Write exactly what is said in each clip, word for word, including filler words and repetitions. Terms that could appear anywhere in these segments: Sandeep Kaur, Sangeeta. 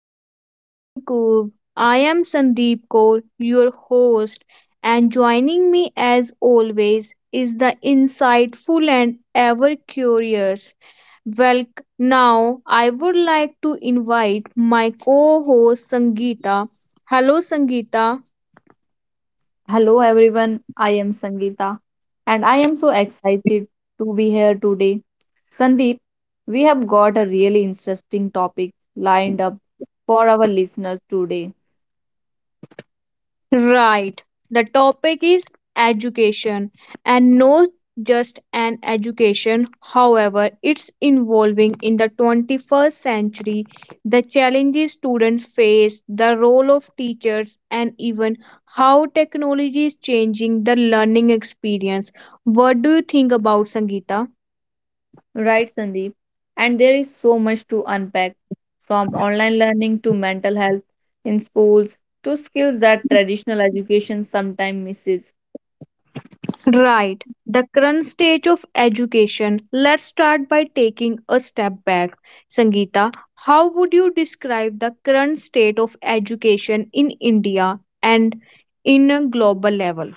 to the Learning Curve. I am Sandeep Kaur, your host, and joining me as always is the insightful and ever curious. Well, now I would like to invite my co host Sangeeta. Hello, Sangeeta. Hello everyone, I am Sangeeta and I am so excited to be here today. Sandeep, we have got a really interesting topic lined up for our listeners today. Right. The topic is education and not just an education. However, it's involving in the twenty-first century, the challenges students face, the role of teachers, and even how technology is changing the learning experience. What do you think about Sangeeta? Right, Sandeep? And there is so much to unpack from online learning to mental health in schools to skills that traditional education sometimes misses. Right. The current stage of education. Let's start by taking a step back. Sangeeta, how would you describe the current state of education in India and in a global level?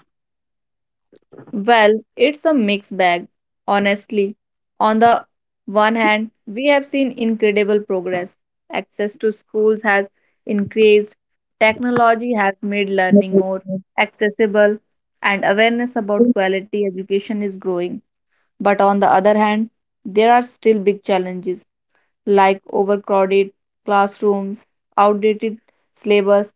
Well, it's a mixed bag, honestly. On the one hand, we have seen incredible progress. Access to schools has increased, technology has made learning more accessible, and awareness about quality education is growing. But on the other hand, there are still big challenges like overcrowded classrooms, outdated syllabus,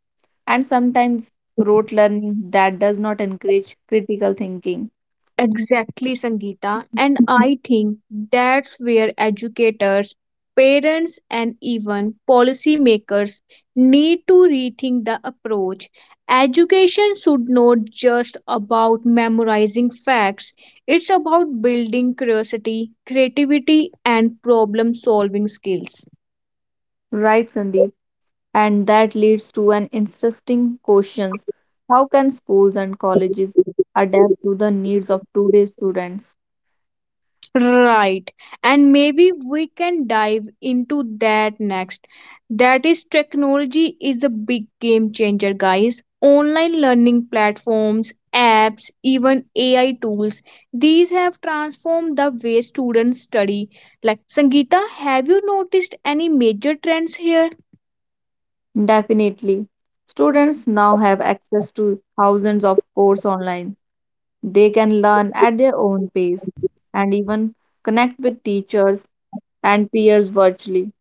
and sometimes rote learning that does not encourage critical thinking. Exactly, Sangeeta. And I think that's where educators, parents, and even policymakers need to rethink the approach. Education should not just about memorizing facts, it's about building curiosity, creativity, and problem solving skills. Right, Sandeep. And that leads to an interesting question. How can schools and colleges adapt to the needs of today's students? Right. And maybe we can dive into that next. That is, technology is a big game changer, guys. Online learning platforms, apps, even A I tools, these have transformed the way students study. Like, Sangeeta, have you noticed any major trends here? Definitely. Students now have access to thousands of courses online. They can learn at their own pace and even connect with teachers and peers virtually.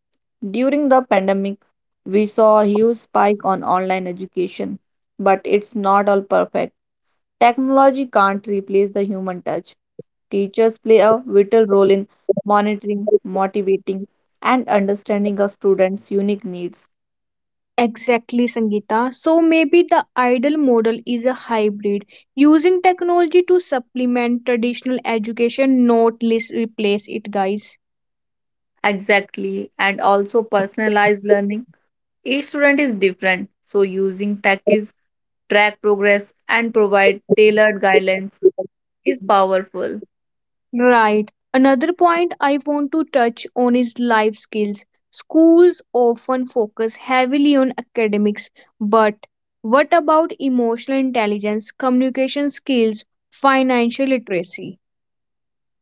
During the pandemic, we saw a huge spike on online education, but it's not all perfect. Technology can't replace the human touch. Teachers play a vital role in monitoring, motivating, and understanding a student's unique needs. Exactly, Sangeeta. So maybe the ideal model is a hybrid, using technology to supplement traditional education, not least replace it, guys. Exactly, and also personalized learning. Each student is different, so using tech is track progress and provide tailored guidelines is powerful. Right. Another point I want to touch on is life skills. Schools often focus heavily on academics, but what about emotional intelligence, communication skills, financial literacy?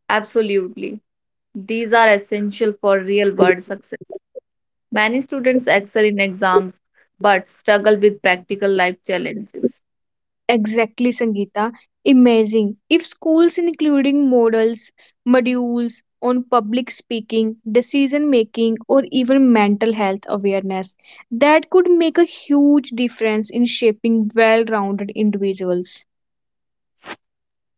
Absolutely. These are essential for real world success. Many students excel in exams but struggle with practical life challenges. Exactly, Sangeeta. Amazing. If schools including models, modules on public speaking, decision making, or even mental health awareness, that could make a huge difference in shaping well rounded individuals.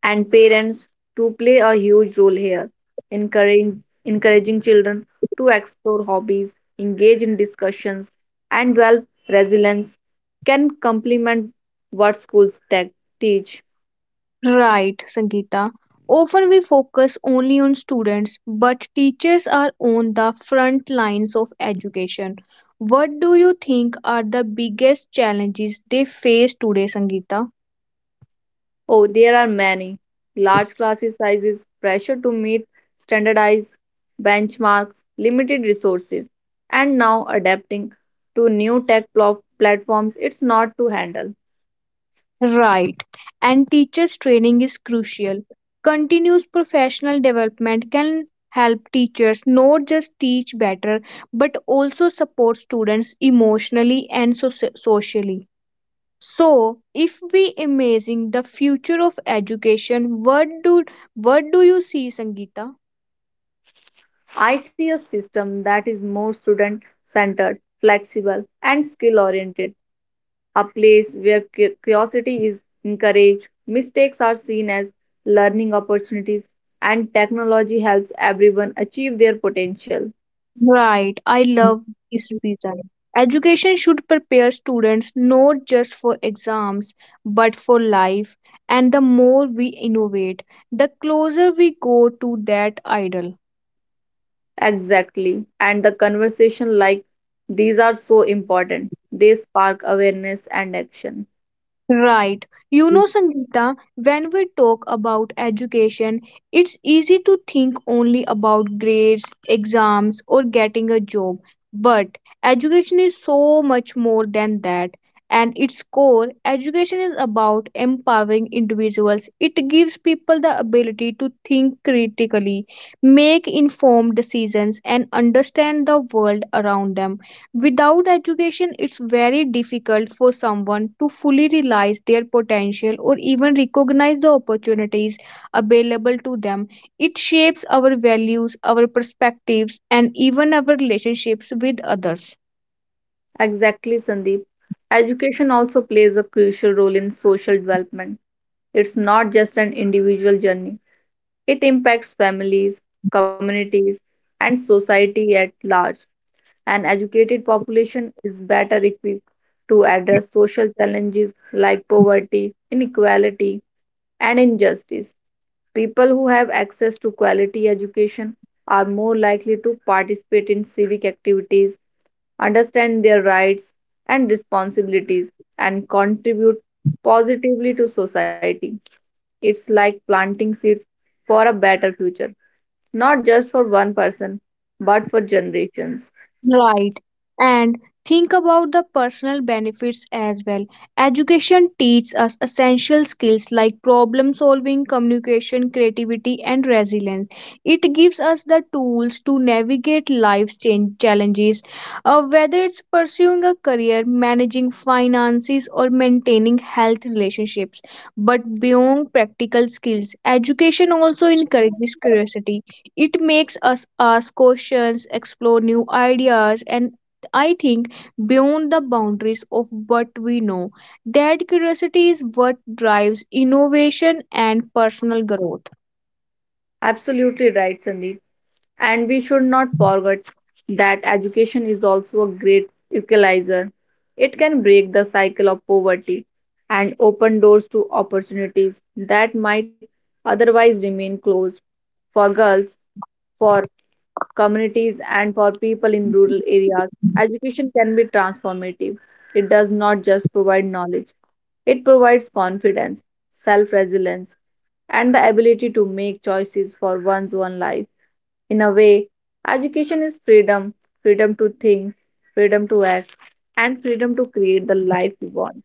And parents to play a huge role here, encouraging, encouraging children to explore hobbies, engage in discussions, and develop resilience can complement what schools te- teach. Right, Sangeeta. Often we focus only on students, but teachers are on the front lines of education. What do you think are the biggest challenges they face today, Sangeeta? Oh, there are many. Large classes sizes, pressure to meet standardized benchmarks, limited resources, and now adapting to new tech pl- platforms, it's not to handle. Right. And teachers' training is crucial. Continuous professional development can help teachers not just teach better but also support students emotionally and soci- socially. So, if we imagine the future of education, what do what do you see, Sangeeta? I see a system that is more student centered, flexible, and skill oriented, a place where cu- curiosity is encouraged, mistakes are seen as learning opportunities, and technology helps everyone achieve their potential. Right, I love this vision. Education should prepare students not just for exams but for life, and the more we innovate, the closer we go to that ideal. Exactly. And the conversation like these are so important, they spark awareness and action. Right. You know, Sangeeta, when we talk about education, it's easy to think only about grades, exams, or getting a job. But education is so much more than that. And its core, education is about empowering individuals. It gives people the ability to think critically, make informed decisions, and understand the world around them. Without education, it's very difficult for someone to fully realize their potential or even recognize the opportunities available to them. It shapes our values, our perspectives, and even our relationships with others. Exactly, Sandeep. Education also plays a crucial role in social development. It's not just an individual journey, it impacts families, communities, and society at large. An educated population is better equipped to address social challenges like poverty, inequality, and injustice. People who have access to quality education are more likely to participate in civic activities understand their rights and responsibilities, and contribute positively to society. It's like planting seeds for a better future, not just for one person, but for generations. Right. And think about the personal benefits as well. Education teaches us essential skills like problem solving, communication, creativity, and resilience. It gives us the tools to navigate life's change challenges, uh, whether it's pursuing a career, managing finances, or maintaining health relationships. But beyond practical skills, education also encourages curiosity it makes us ask questions, explore new ideas, and I think beyond the boundaries of what we know. That curiosity is what drives innovation and personal growth. Absolutely right, Sandeep. And we should not forget that education is also a great equalizer. It can break the cycle of poverty and open doors to opportunities that might otherwise remain closed for girls for communities and for people in rural areas, education can be transformative. It does not just provide knowledge, it provides confidence, self resilience, and the ability to make choices for one's own life. In a way, education is freedom freedom to think, freedom to act, and freedom to create the life we want.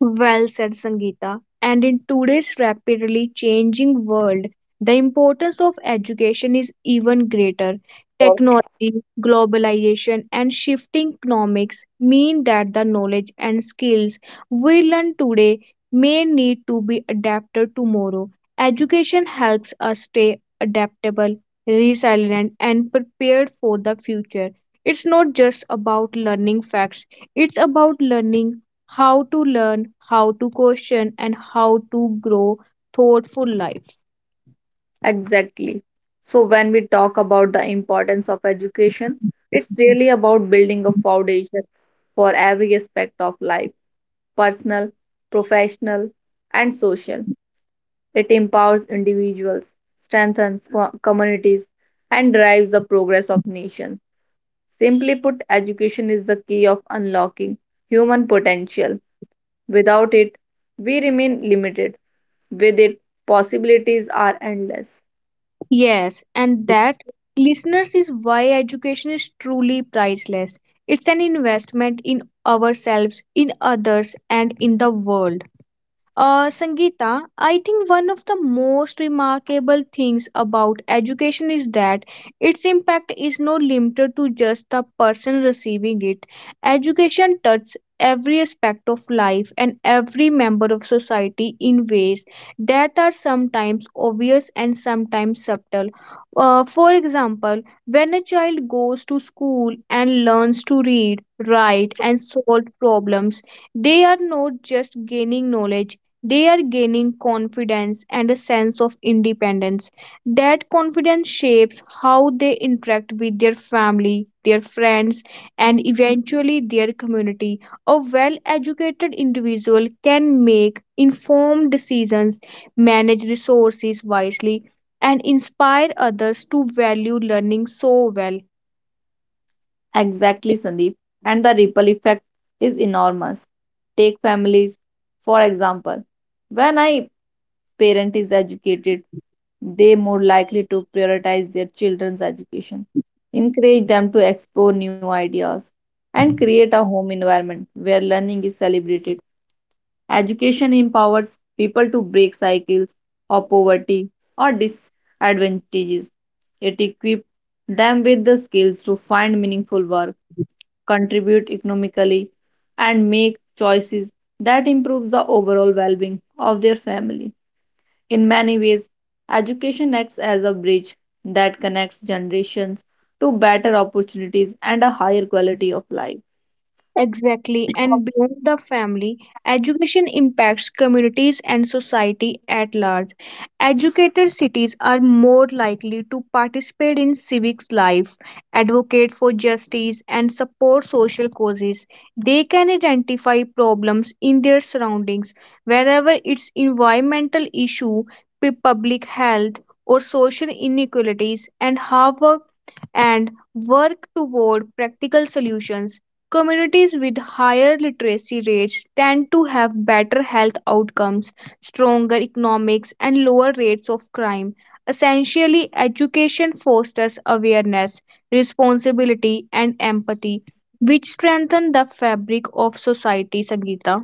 Well said, Sangeeta. And in today's rapidly changing world, the importance of education is even greater. Technology, globalization, and shifting economics mean that the knowledge and skills we learn today may need to be adapted tomorrow. Education helps us stay adaptable, resilient, and prepared for the future. It's not just about learning facts, it's about learning how to learn, how to question, and how to grow thoughtful life. Exactly. So, when we talk about the importance of education, it's really about building a foundation for every aspect of life personal, professional, and social. It empowers individuals, strengthens co- communities, and drives the progress of nations. Simply put, education is the key of unlocking human potential. Without it, we remain limited. With it, possibilities are endless. Yes, and that listeners is why education is truly priceless. It's an investment in ourselves, in others, and in the world. Uh, Sangeeta, I think one of the most remarkable things about education is that its impact is not limited to just the person receiving it. Education touches every aspect of life and every member of society in ways that are sometimes obvious and sometimes subtle. Uh, for example, when a child goes to school and learns to read, write, and solve problems, they are not just gaining knowledge they are gaining confidence and a sense of independence. That confidence shapes how they interact with their family, their friends, and eventually their community. A well educated individual can make informed decisions, manage resources wisely, and inspire others to value learning so well. Exactly, Sandeep. And the ripple effect is enormous. Take families, for example. When a parent is educated, they more likely to prioritize their children's education, encourage them to explore new ideas, and create a home environment where learning is celebrated. Education empowers people to break cycles of poverty or disadvantages. It equips them with the skills to find meaningful work contribute economically, and make choices that improve the overall well being of their family. In many ways, education acts as a bridge that connects generations to better opportunities and a higher quality of life. Exactly, and beyond the family, education impacts communities and society at large. Educated cities are more likely to participate in civic life, advocate for justice, and support social causes. They can identify problems in their surroundings, whether it's environmental issue, pu- public health, or social inequalities, and have a and work toward practical solutions. Communities with higher literacy rates tend to have better health outcomes, stronger economics, and lower rates of crime. Essentially, education fosters awareness, responsibility, and empathy, which strengthen the fabric of society, Sangeeta.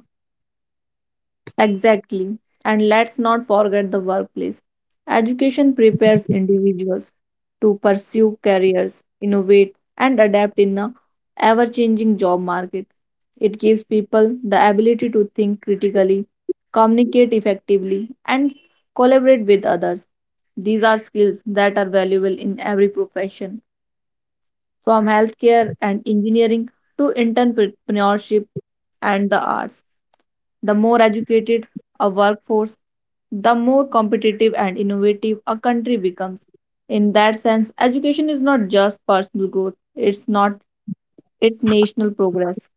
Exactly. And let's not forget the workplace. Education prepares individuals to pursue careers, innovate, and adapt in a ever changing job market. It gives people the ability to think critically, communicate effectively, and collaborate with others. These are skills that are valuable in every profession from healthcare and engineering to entrepreneurship and the arts. The more educated a workforce, the more competitive and innovative a country becomes. In that sense, education is not just personal growth, it's not it's national progress.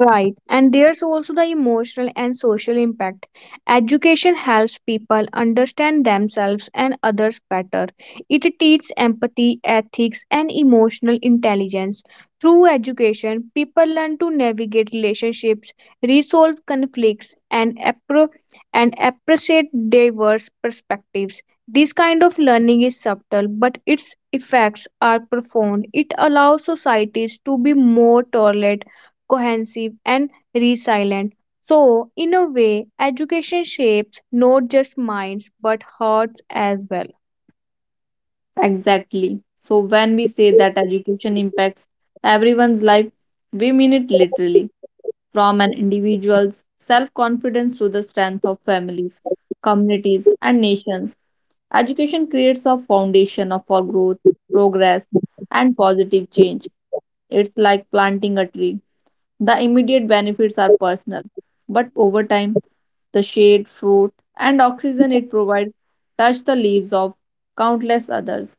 Right, and there's also the emotional and social impact. Education helps people understand themselves and others better. It teaches empathy, ethics, and emotional intelligence. Through education, people learn to navigate relationships, resolve conflicts, and, appro- and appreciate diverse perspectives. This kind of learning is subtle, but its effects are profound. It allows societies to be more tolerant cohesive, and resilient. So, in a way, education shapes not just minds but hearts as well. Exactly. So when we say that education impacts everyone's life, we mean it literally, from an individual's self-confidence to the strength of families, communities, and nations. Education creates a foundation of- for growth, progress, and positive change. It's like planting a tree. The immediate benefits are personal, but over time, the shade, fruit, and oxygen it provides touch the leaves of countless others.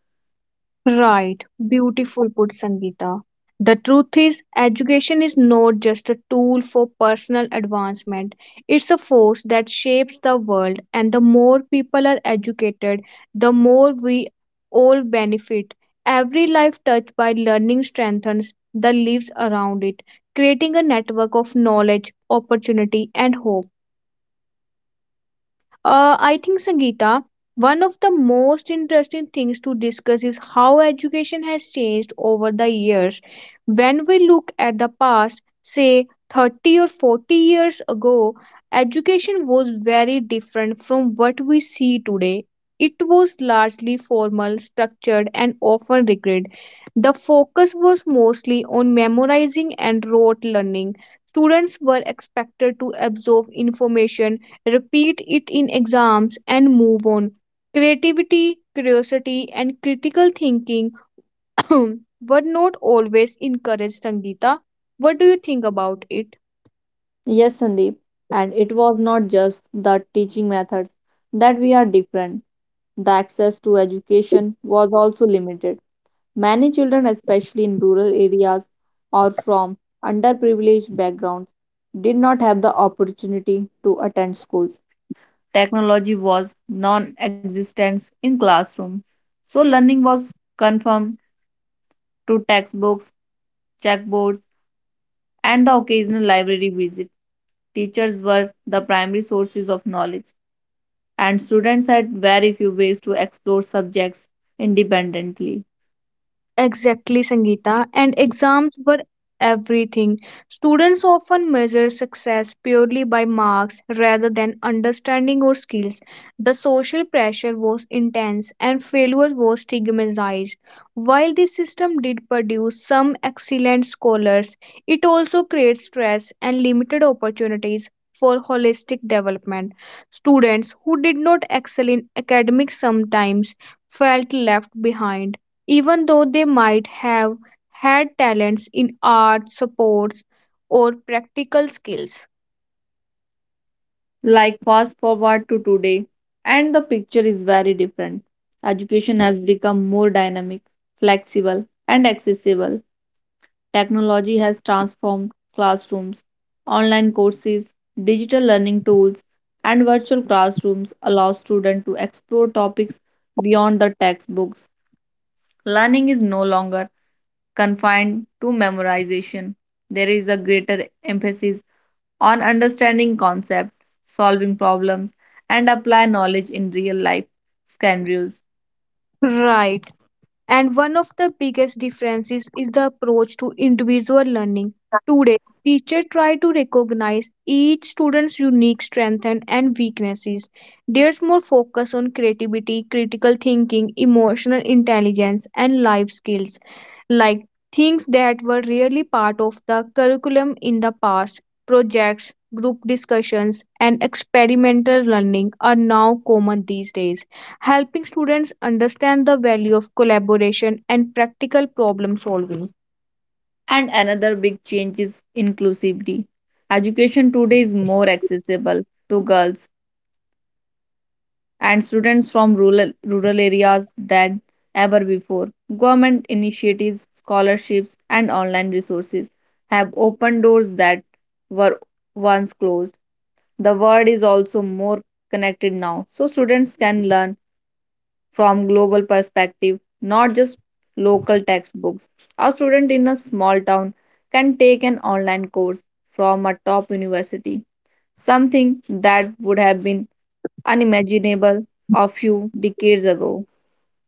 Right, beautiful put Sangeeta. The truth is, education is not just a tool for personal advancement, it's a force that shapes the world, and the more people are educated, the more we all benefit. Every life touched by learning strengthens the lives around it, creating a network of knowledge, opportunity, and hope. Uh, I think, Sangeeta, one of the most interesting things to discuss is how education has changed over the years. When we look at the past, say thirty or forty years ago, education was very different from what we see today. It was largely formal, structured, and often rigid. The focus was mostly on memorizing and rote learning. Students were expected to absorb information repeat it in exams, and move on. Creativity, curiosity, and critical thinking were not always encouraged, Sangeeta. What do you think about it? Yes, Sandeep, and it was not just the teaching methods that we are different. The access to education was also limited. Many children, especially in rural areas or from underprivileged backgrounds, did not have the opportunity to attend schools. Technology was non existent in classroom, so learning was confined to textbooks, checkboards, and the occasional library visit. Teachers were the primary sources of knowledge, and students had very few ways to explore subjects independently. Exactly, Sangeeta. And exams were everything. Students often measure success purely by marks rather than understanding or skills. The social pressure was intense and failure was stigmatized. While this system did produce some excellent scholars, it also creates stress and limited opportunities for holistic development. Students who did not excel in academics sometimes felt left behind even though they might have had talents in art, sports, or practical skills. Like fast forward to today and the picture is very different. Education has become more dynamic, flexible and accessible. Technology has transformed classrooms, online courses, digital learning tools and virtual classrooms allow students to explore topics beyond the textbooks. Learning is no longer confined to memorization. There is a greater emphasis on understanding concepts, solving problems, and apply knowledge in real life scenarios. Right. And one of the biggest differences is the approach to individual learning. Today, teachers try to recognize each student's unique strengths and and weaknesses. There's more focus on creativity, critical thinking, emotional intelligence, and life skills, like things that were rarely part of the curriculum in the past. Projects, group discussions, and experimental learning are now common these days helping students understand the value of collaboration and practical problem solving. And another big change is inclusivity. Education today is more accessible to girls and students from rural, rural areas than ever before. Government initiatives, scholarships, and online resources have opened doors that were once closed. The world is also more connected now, so students can learn from global perspective, not just local textbooks. A student in a small town can take an online course from a top university, something that would have been unimaginable a few decades ago.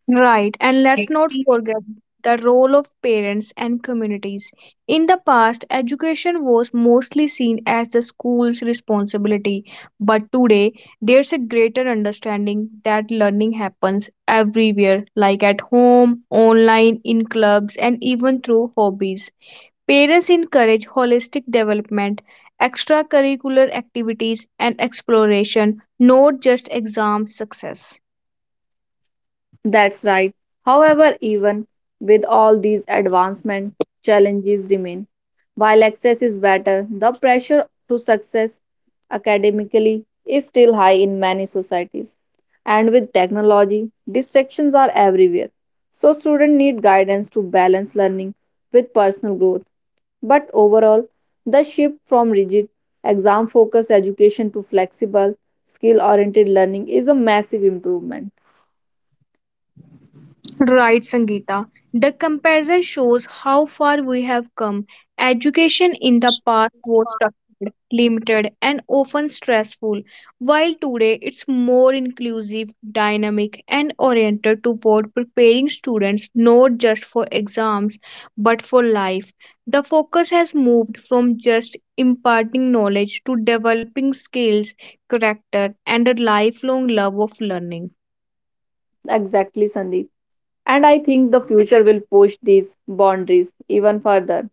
Right, and let's not forget the role of parents and communities. In the past, education was mostly seen as the school's responsibility, but today there's a greater understanding that learning happens everywhere, like at home, online, in clubs, and even through hobbies. Parents encourage holistic development, extracurricular activities, and exploration, not just exam success. That's right. However, even with all these advancements, challenges remain. While access is better, the pressure to success academically is still high in many societies. And with technology, distractions are everywhere. So, students need guidance to balance learning with personal growth. But overall, the shift from rigid, exam focused education to flexible, skill oriented learning is a massive improvement. Right, Sangeeta. The comparison shows how far we have come. Education in the past was structured, limited, and often stressful, while today it's more inclusive, dynamic, and oriented toward preparing students not just for exams but for life. The focus has moved from just imparting knowledge to developing skills, character, and a lifelong love of learning. Exactly, Sandeep. And I think the future will push these boundaries even further.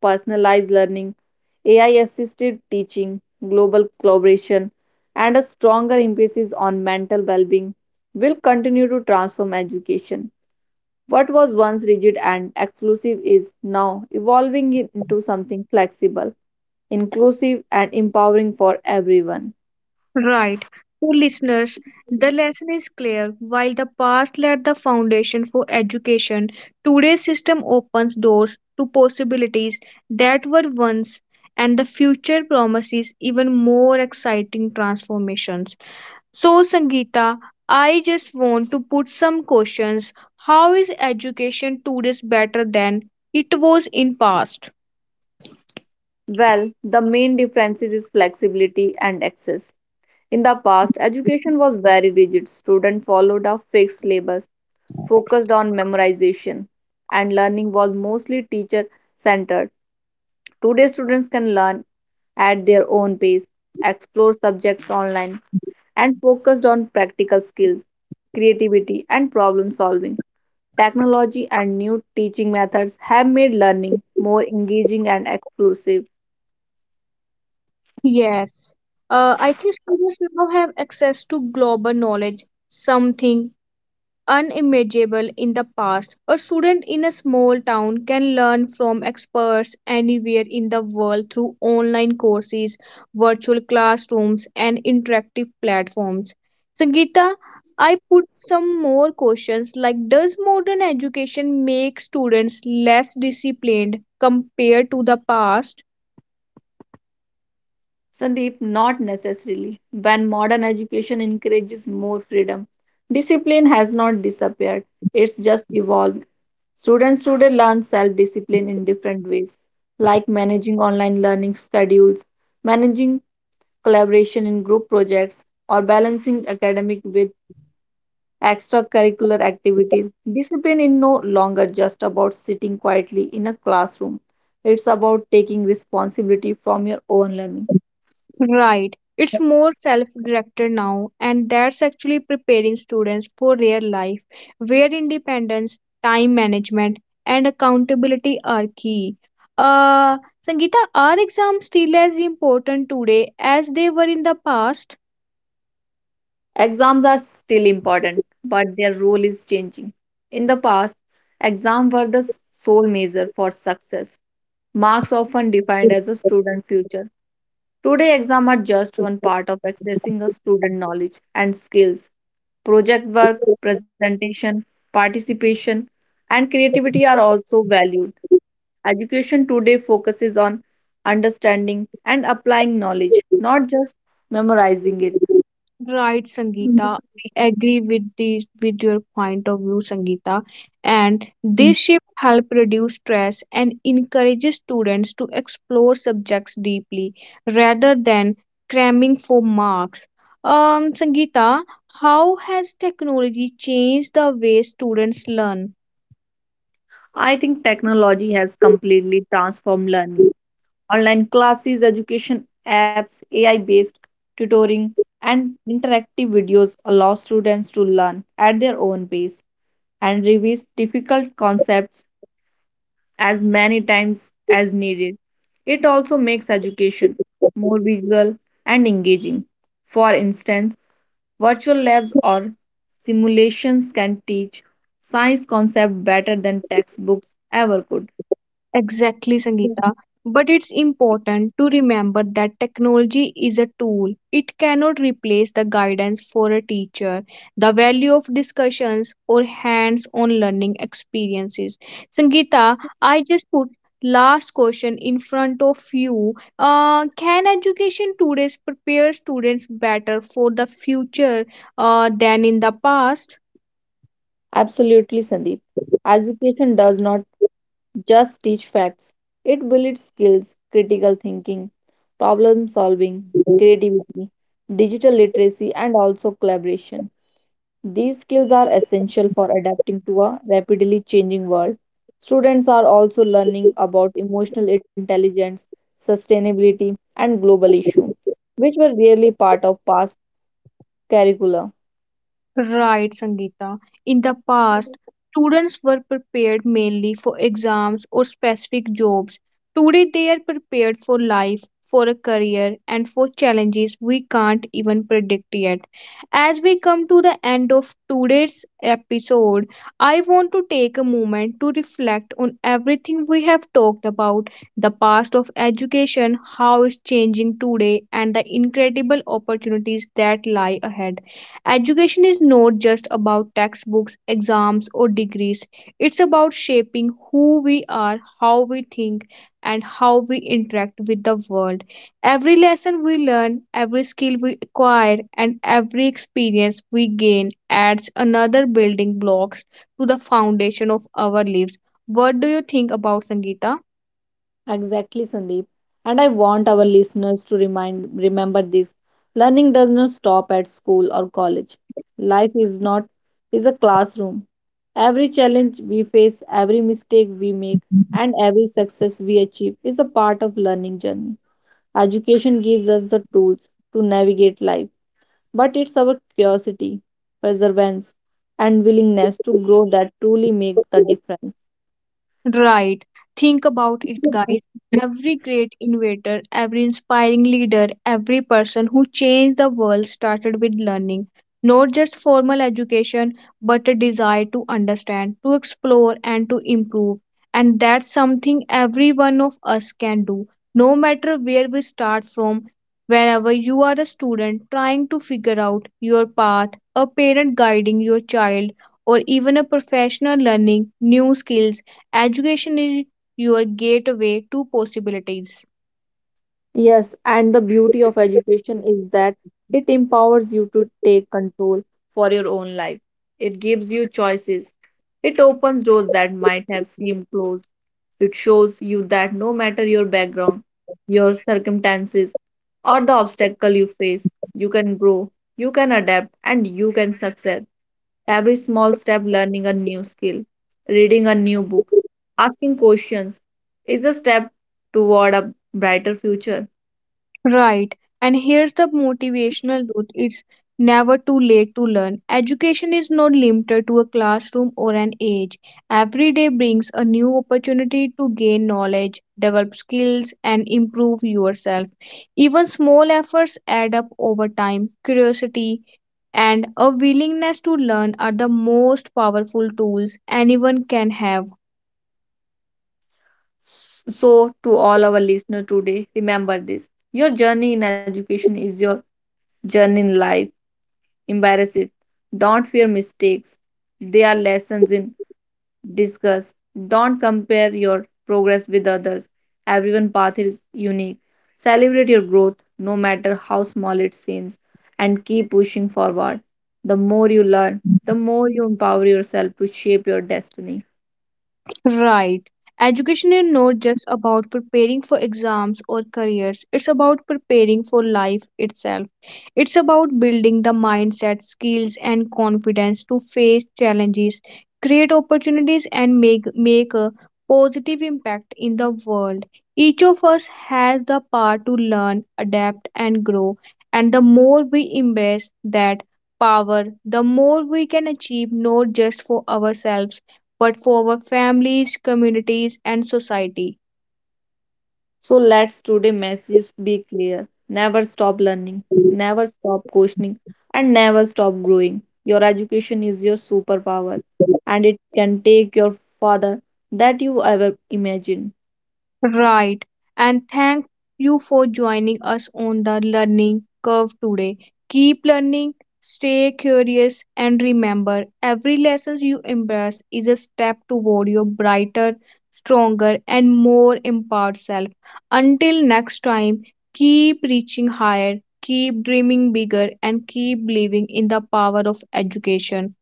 Personalized learning, A I assisted teaching, global collaboration, and a stronger emphasis on mental well being will continue to transform education. What was once rigid and exclusive is now evolving into something flexible, inclusive, and empowering for everyone. Right. So, listeners, the lesson is clear. While the past laid the foundation for education, today's system opens doors to possibilities that were once, and the future promises even more exciting transformations. So, Sangeeta, I just want to put some questions. How is education today better than it was in past? Well, the main differences is flexibility and access. In the past, education was very rigid. Students followed a fixed syllabus, focused on memorization, and learning was mostly teacher centered. Today, students can learn at their own pace, explore subjects online, and focused on practical skills, creativity, and problem solving. Technology and new teaching methods have made learning more engaging and exclusive. Yes, uh, I think students now have access to global knowledge, something unimaginable in the past. A student in a small town can learn from experts anywhere in the world through online courses, virtual classrooms, and interactive platforms. Sangeeta, I put some more questions like does modern education make students less disciplined compared to the past? Sandeep, not necessarily. When modern education encourages more freedom, discipline has not disappeared, it's just evolved. Students today learn self discipline in different ways, like managing online learning schedules, managing collaboration in group projects, or balancing academic with extracurricular activities. Discipline is no longer just about sitting quietly in a classroom, it's about taking responsibility from your own learning. Right. It's more self directed now, and that's actually preparing students for real life, where independence, time management, and accountability are key. Uh, Sangeeta, are exams still as important today as they were in the past? Exams are still important, but their role is changing. In the past, exams were the sole measure for success, marks often defined as a student future. Today, exams are just one part of accessing a student knowledge and skills. Project work, presentation, participation, and creativity are also valued. Education today focuses on understanding and applying knowledge, not just memorizing Right, it. Sangeeta. I agree with the with your point of view, Sangeeta. And this shift help reduce stress and encourages students to explore subjects deeply rather than cramming for marks. Um, Sangeeta, how has technology changed the way students learn? I think technology has completely transformed learning. Online classes, education apps, A I based tutoring, and interactive videos allow students to learn at their own pace and revise difficult concepts as many times as needed. It also makes education more visual and engaging. For instance, virtual labs or simulations can teach science concepts better than textbooks ever could. Exactly, Sangeeta. But it's important to remember that technology is a tool. It cannot replace the guidance for a teacher, the value of discussions, or hands on learning experiences. Sangeeta, I just put last question in front of you uh, can education today prepare students better for the future uh, than in the past. Absolutely, Sandeep. Education does not just teach facts, it builds skills, critical thinking, problem solving, creativity, digital literacy, and also collaboration. These skills are essential for adapting to a rapidly changing world. Students are also learning about emotional intelligence, sustainability, and global issues, which were rarely part of past curricula. Right, Sangeeta. In the past, students were prepared mainly for exams or specific jobs. Today, they are prepared for life, for a career, and for challenges we can't even predict yet. As we come to the end of today's episode, I want to take a moment to reflect on everything we have talked about the past of education, how it's changing today, and the incredible opportunities that lie ahead. Education is not just about textbooks, exams, or degrees. It's about shaping who we are, how we think, and how we interact with the world. Every lesson we learn, every skill we acquire, and every experience we gain adds another building blocks to the foundation of our lives. What do you think about Sangeeta? Exactly, Sandeep. And I want our listeners to remind remember this. Learning does not stop at school or college. Life is not is a classroom. Every challenge we face, every mistake we make, and every success we achieve is a part of learning journey. Education gives us the tools to navigate life, but it's our curiosity, perseverance, and willingness to grow that truly make the difference. Right. Think about it, guys. Every great innovator, every inspiring leader, every person who changed the world started with learning. Not just formal education, but a desire to understand, to explore, and to improve. And that's something every one of us can do, no matter where we start from. Whenever you are a student trying to figure out your path, a parent guiding your child, or even a professional learning new skills, education is your gateway to possibilities. Yes, and the beauty of education is that it empowers you to take control for your own life. It gives you choices. It opens doors that might have seemed closed. It shows you that no matter your background, your circumstances, or the obstacle you face, you can grow, you can adapt, and you can succeed. Every small step, learning a new skill, reading a new book, asking questions, is a step toward a brighter future. Right. And here's the motivational truth. It's never too late to learn. Education is not limited to a classroom or an age. Every day brings a new opportunity to gain knowledge, develop skills, and improve yourself. Even small efforts add up over time. Curiosity and a willingness to learn are the most powerful tools anyone can have. So, to all our listeners today, remember this your journey in education is your journey in life. Embrace it. Don't fear mistakes, they are lessons in discuss. Don't compare your progress with others. Everyone's path is unique. Celebrate your growth, no matter how small it seems, and keep pushing forward. The more you learn, the more you empower yourself to shape your destiny. Right. Education is not just about preparing for exams or careers, it's about preparing for life itself. It's about building the mindset, skills, and confidence to face challenges, create opportunities, and make, make a positive impact in the world. Each of us has the power to learn, adapt, and grow. And the more we embrace that power, the more we can achieve not just for ourselves but for our families, communities, and society. So let's today message be clear. Never stop learning, never stop questioning, and never stop growing. Your education is your superpower, and it can take your farther that you ever imagined. Right. And thank you for joining us on the learning curve today. Keep learning, stay curious, and remember every lesson you embrace is a step toward your brighter, stronger, and more empowered self. Until next time, keep reaching higher, keep dreaming bigger, and keep believing in the power of education.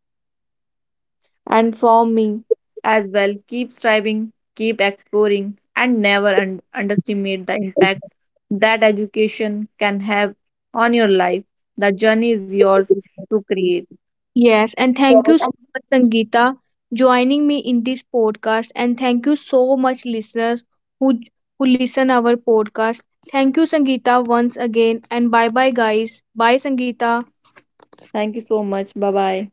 And from me as well, keep striving, keep exploring, and never un- underestimate the impact that education can have on your life. The journey is yours to create. Yes, and thank Yes, you so much, Sangeeta, joining me in this podcast. And thank you so much, listeners who who listen our podcast. Thank you, Sangeeta, once again. And bye bye, guys. Bye, Sangeeta. thank you so much. Bye bye.